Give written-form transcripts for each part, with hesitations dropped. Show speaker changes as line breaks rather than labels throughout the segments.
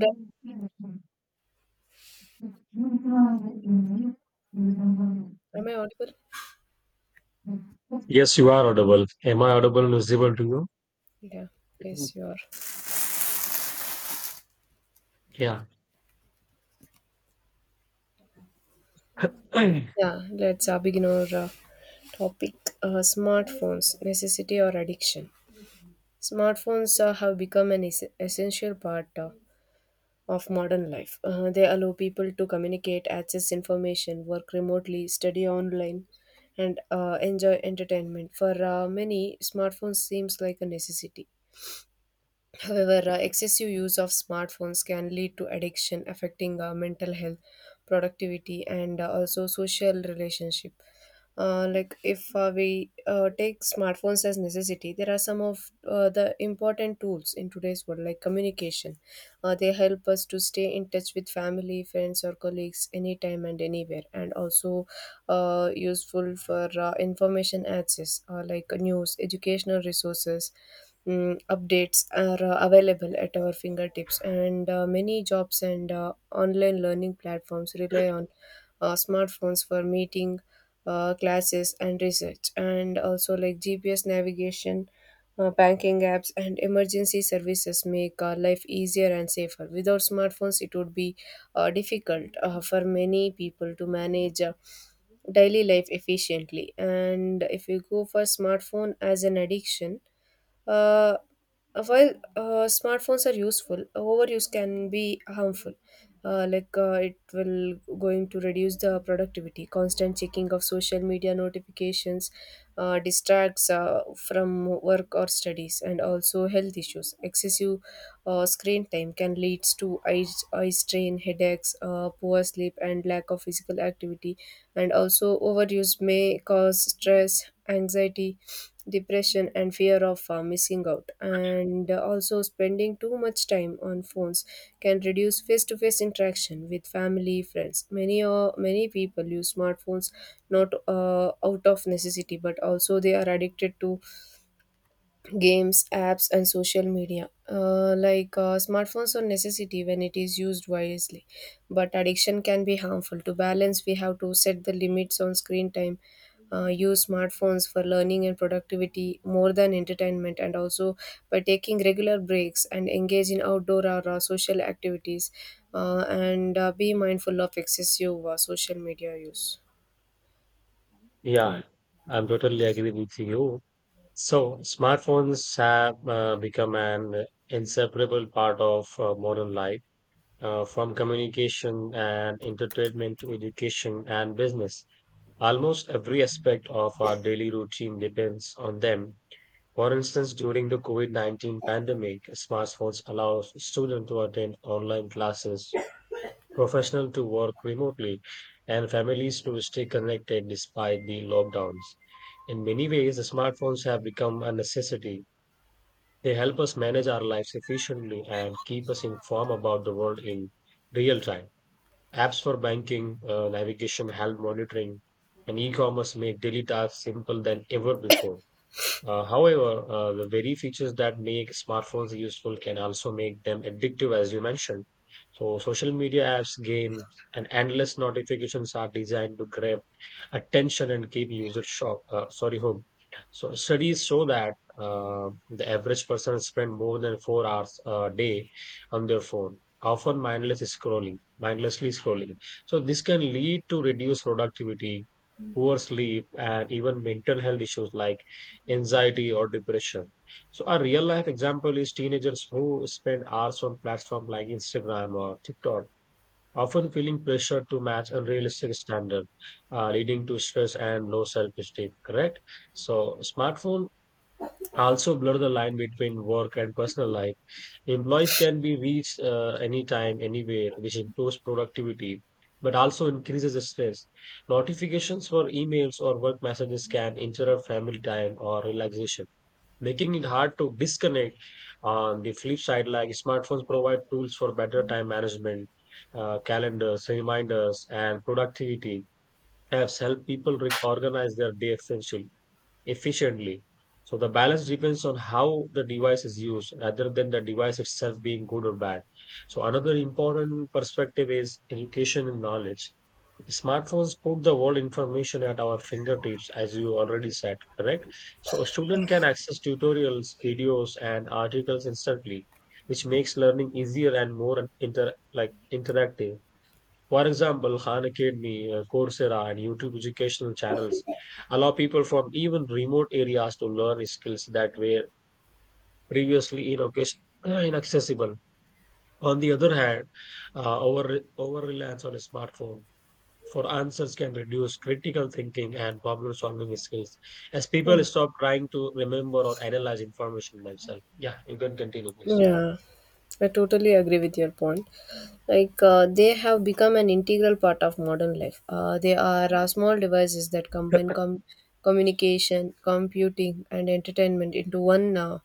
Right. Am I audible?
Yes, you are audible. Am I audible and visible to you?
Yeah, yes, you are.
Yeah.
Yeah, let's begin our topic smartphones, necessity or addiction. Smartphones have become an essential part of modern life. They allow people to communicate, access information, work remotely, study online, and enjoy entertainment. For many, smartphones seems like a necessity. However, excessive use of smartphones can lead to addiction, affecting mental health, productivity, and also social relationship. Like if we take smartphones as necessity, there are some of the important tools in today's world, like communication. They help us to stay in touch with family, friends, or colleagues anytime and anywhere, and also useful for information access, like news, educational resources. Updates are available at our fingertips, and many jobs and online learning platforms rely on smartphones for meeting classes and research, and also like GPS navigation, banking apps, and emergency services make life easier and safer. Without smartphones, it would be difficult for many people to manage daily life efficiently. And if you go for smartphone as an addiction, uh, while smartphones are useful, overuse can be harmful. Like it will going to reduce the productivity. Constant checking of social media notifications distracts from work or studies, and also health issues. Excessive screen time can lead to eye strain, headaches, poor sleep, and lack of physical activity. And also overuse may cause stress, anxiety, depression, and fear of missing out, and also spending too much time on phones can reduce face-to-face interaction with family, friends. Many many people use smartphones not out of necessity, but also they are addicted to games, apps, and social media. Like smartphones are necessity when it is used wisely, but addiction can be harmful. To balance, we have to set the limits on screen time. Use smartphones for learning and productivity more than entertainment, and also by taking regular breaks and engage in outdoor or social activities, and be mindful of excessive social media use. Yeah.
Yeah, I'm totally agree with you. So smartphones have become an inseparable part of modern life, from communication and entertainment to education and business. Almost every aspect of our daily routine depends on them. For instance, during the COVID-19 pandemic, smartphones allow students to attend online classes, professionals to work remotely, and families to stay connected despite the lockdowns. In many ways, the smartphones have become a necessity. They help us manage our lives efficiently and keep us informed about the world in real time. Apps for banking, navigation, health monitoring, and e-commerce make daily tasks simple than ever before. However, the very features that make smartphones useful can also make them addictive, as you mentioned. So social media apps, games, and endless notifications are designed to grab attention and keep users home. So studies show that the average person spend more than 4 hours a day on their phone, often mindlessly scrolling. So this can lead to reduced productivity, poor sleep, and even mental health issues like anxiety or depression. So a real life example is teenagers who spend hours on platforms like Instagram or TikTok often feeling pressure to match unrealistic standard, leading to stress and low self-esteem. Correct. So smartphone also blur the line between work and personal life. Employees can be reached anytime, anywhere, which improves productivity, but also increases the stress. Notifications for emails or work messages can interrupt family time or relaxation, making it hard to disconnect. On the flip side, like smartphones provide tools for better time management, calendars, reminders, and productivity apps help people organize their day essentially efficiently. So the balance depends on how the device is used rather than the device itself being good or bad. So another important perspective is education and knowledge. Smartphones put the world information at our fingertips, as you already said, correct? So a student can access tutorials, videos, and articles instantly, which makes learning easier and more interactive. For example, Khan Academy, Coursera, and YouTube educational channels allow people from even remote areas to learn skills that were previously inocas- inaccessible. On the other hand, over reliance on a smartphone for answers can reduce critical thinking and problem solving skills as
Hmm.
people stop trying to remember or analyze information themselves. Yeah, you can continue, please.
Yeah, I totally agree with your point. Like, they have become an integral part of modern life. They are small devices that combine communication, computing, and entertainment into one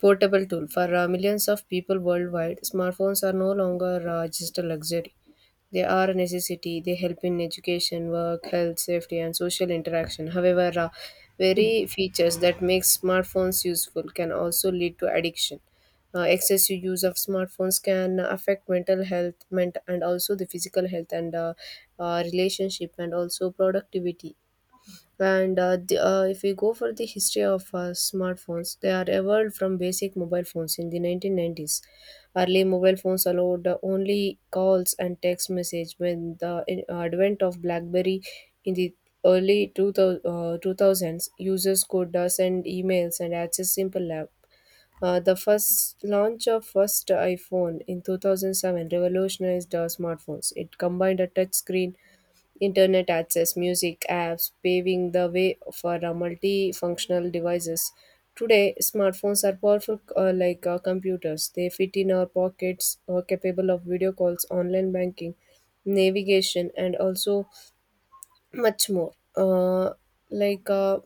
portable tool. For millions of people worldwide, smartphones are no longer just a luxury. They are a necessity. They help in education, work, health, safety, and social interaction. However, very features that make smartphones useful can also lead to addiction. Excessive use of smartphones can affect mental health, and also the physical health, and relationship, and also productivity, and if we go for the history of smartphones, they are evolved from basic mobile phones in the 1990s. Early mobile phones allowed only calls and text message. When the advent of BlackBerry in the early 2000s, users could send emails and access simple app. The first launch of first iPhone in 2007 revolutionized smartphones. It combined a touch screen, Internet access, music apps, paving the way for multifunctional devices. Today, smartphones are powerful like computers. They fit in our pockets, are capable of video calls, online banking, navigation, and also much more. Like uh,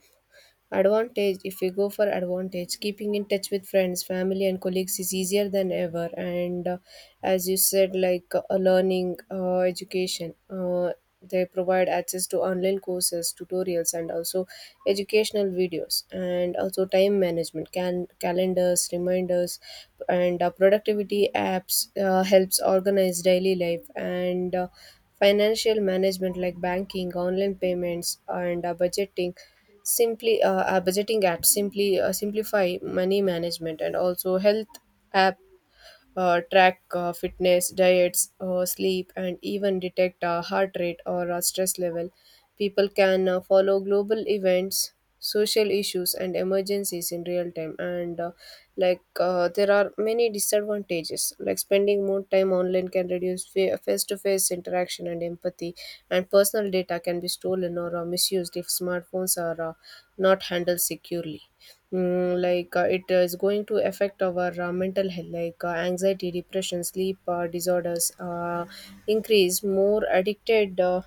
Advantage, if we go for advantage, keeping in touch with friends, family, and colleagues is easier than ever. And as you said, like learning, education, they provide access to online courses, tutorials, and also educational videos, and also time management, can calendars, reminders, and productivity apps helps organize daily life, and financial management like banking, online payments, and budgeting simply our budgeting apps simply simplify money management, and also health app track fitness, diets, sleep, and even detect heart rate or stress level. People can follow global events, social issues, and emergencies in real time. And there are many disadvantages, like spending more time online can reduce face to face interaction and empathy, and personal data can be stolen or misused if smartphones are not handled securely. It is going to affect our mental health, like anxiety, depression, sleep disorders, increase more addicted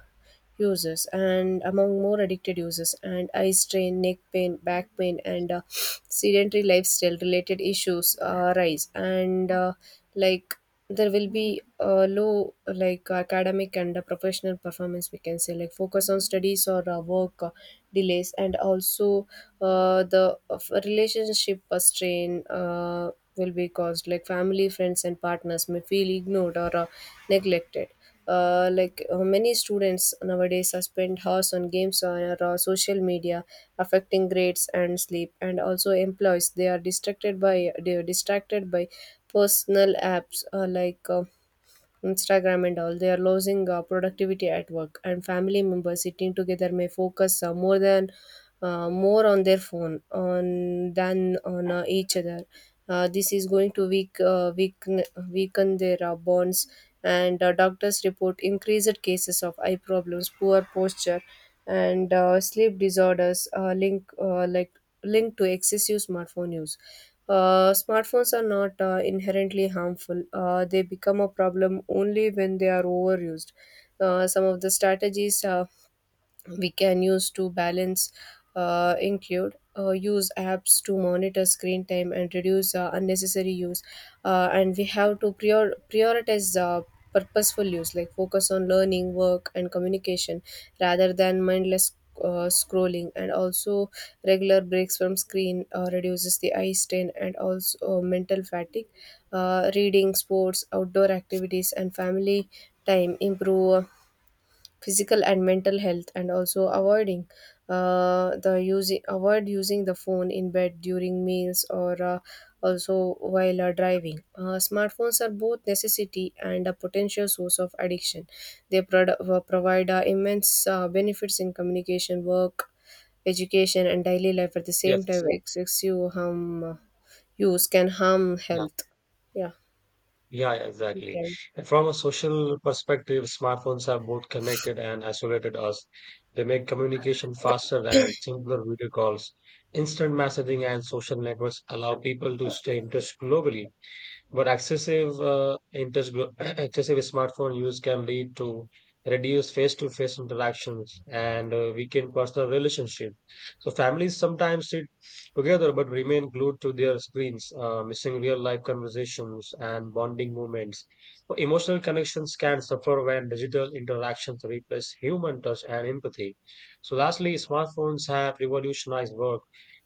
users, and eye strain, neck pain, back pain, and sedentary lifestyle related issues rise, and like there will be a low like academic and professional performance, we can say, like focus on studies or work delays, and also the of relationship strain will be caused, like family, friends, and partners may feel ignored or neglected. Many students nowadays are spend hours on games or social media, affecting grades and sleep, and also employees, they are distracted by personal apps, Instagram and all, they are losing productivity at work, and family members sitting together may focus more on their phone on than on each other. This is going to weaken their bonds, and doctors report increased cases of eye problems, poor posture, and sleep disorders linked to excessive smartphone use. Smartphones are not inherently harmful. They become a problem only when they are overused. Some of the strategies we can use to balance include use apps to monitor screen time and reduce unnecessary use, and we have to prioritize purposeful use, like focus on learning, work, and communication rather than mindless scrolling, and also regular breaks from screen reduces the eye strain and also mental fatigue. Reading, sports, outdoor activities, and family time improve physical and mental health, and also avoiding the using avoid using the phone in bed, during meals, or also while driving. Smartphones are both necessity and a potential source of addiction. They provide immense benefits in communication, work, education, and daily life. At the same
Yes.
time, excessive harm use can harm
Yeah.
health. Yeah,
Yeah, yeah,
you
exactly.
can.
And from a social perspective, smartphones have both connected and isolated us. They make communication faster and simpler video calls. Instant messaging and social networks allow people to stay in touch globally. But excessive, interest, gro- excessive smartphone use can lead to reduced face-to-face interactions and weaken personal relationships. So families sometimes sit together but remain glued to their screens, missing real-life conversations and bonding moments. So emotional connections can suffer when digital interactions replace human touch and empathy. So lastly, smartphones have revolutionized work,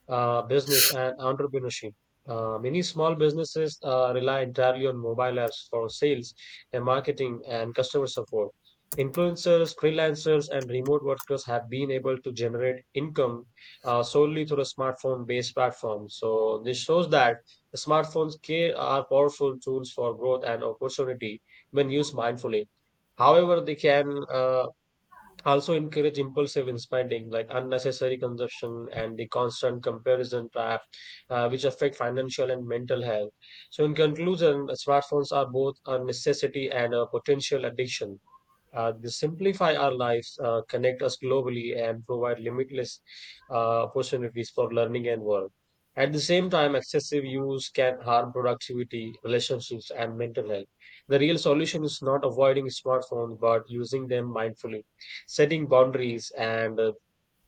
business, and entrepreneurship. Many small businesses rely entirely on mobile apps for sales and marketing and customer support. Influencers, freelancers, and remote workers have been able to generate income solely through the smartphone based platform. So this shows that the smartphones are powerful tools for growth and opportunity when used mindfully. However, they can also encourage impulsive spending like unnecessary consumption and the constant comparison trap, which affect financial and mental health. So in conclusion, smartphones are both a necessity and a potential addiction. They simplify our lives, connect us globally, and provide limitless opportunities for learning and work. At the same time, excessive use can harm productivity, relationships, and mental health. The real solution is not avoiding smartphones, but using them mindfully, setting boundaries, and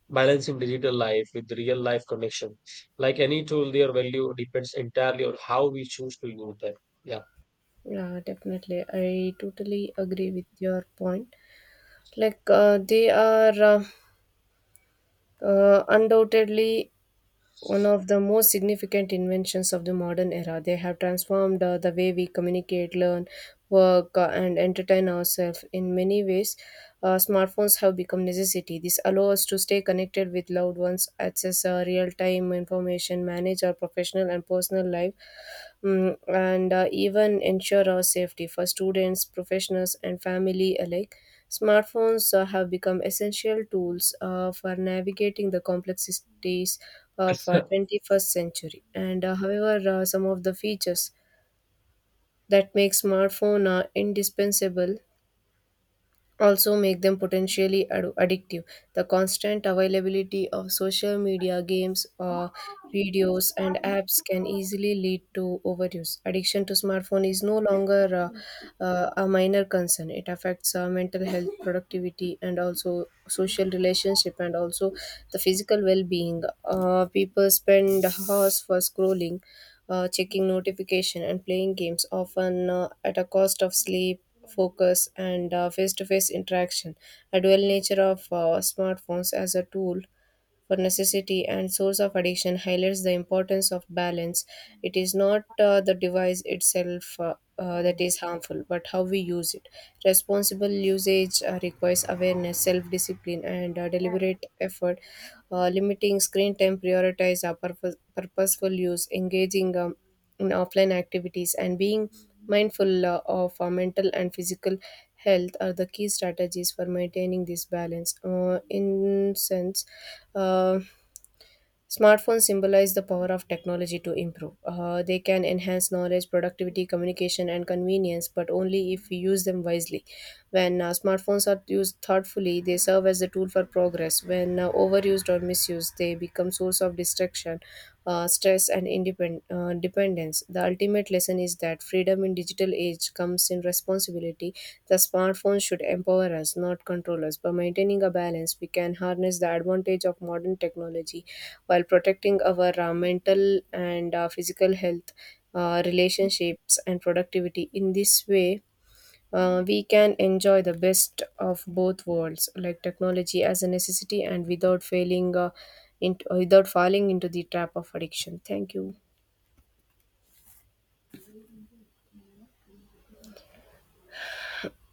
balancing digital life with real life connection. Like any tool, their value depends entirely on how we choose to use them. Yeah.
Yeah, definitely, I totally agree with your point. Like they are undoubtedly one of the most significant inventions of the modern era. They have transformed the way we communicate, learn, work, and entertain ourselves. In many ways, smartphones have become necessity. This allows us to stay connected with loved ones, access real-time information, manage our professional and personal life. And even ensure our safety for students, professionals, and family alike. Smartphones have become essential tools for navigating the complexities of our 21st century. And however, some of the features that make smartphone indispensable also make them potentially addictive. The constant availability of social media, games, videos, and apps can easily lead to overuse. Addiction to smartphone is no longer a minor concern. It affects mental health, productivity, and also social relationship, and also the physical well-being. People spend hours for scrolling, checking notification, and playing games, often at a cost of sleep, focus, and face-to-face interaction. A dual nature of smartphones as a tool for necessity and source of addiction highlights the importance of balance. It is not the device itself that is harmful, but how we use it. Responsible usage requires awareness, self discipline, and deliberate effort. Limiting screen time, purposeful use, engaging in offline activities, and being mindful of our mental and physical health are the key strategies for maintaining this balance. In sense, uh, smartphones symbolize the power of technology to improve. They can enhance knowledge, productivity, communication, and convenience, but only if we use them wisely. When smartphones are used thoughtfully, they serve as a tool for progress. When overused or misused, they become source of distraction, stress, and dependence. The ultimate lesson is that freedom in digital age comes in responsibility. The smartphone should empower us, not control us. By maintaining a balance, we can harness the advantage of modern technology while protecting our mental and physical health, relationships, and productivity. In this way, we can enjoy the best of both worlds, like technology as a necessity and without falling into the trap of addiction. Thank you.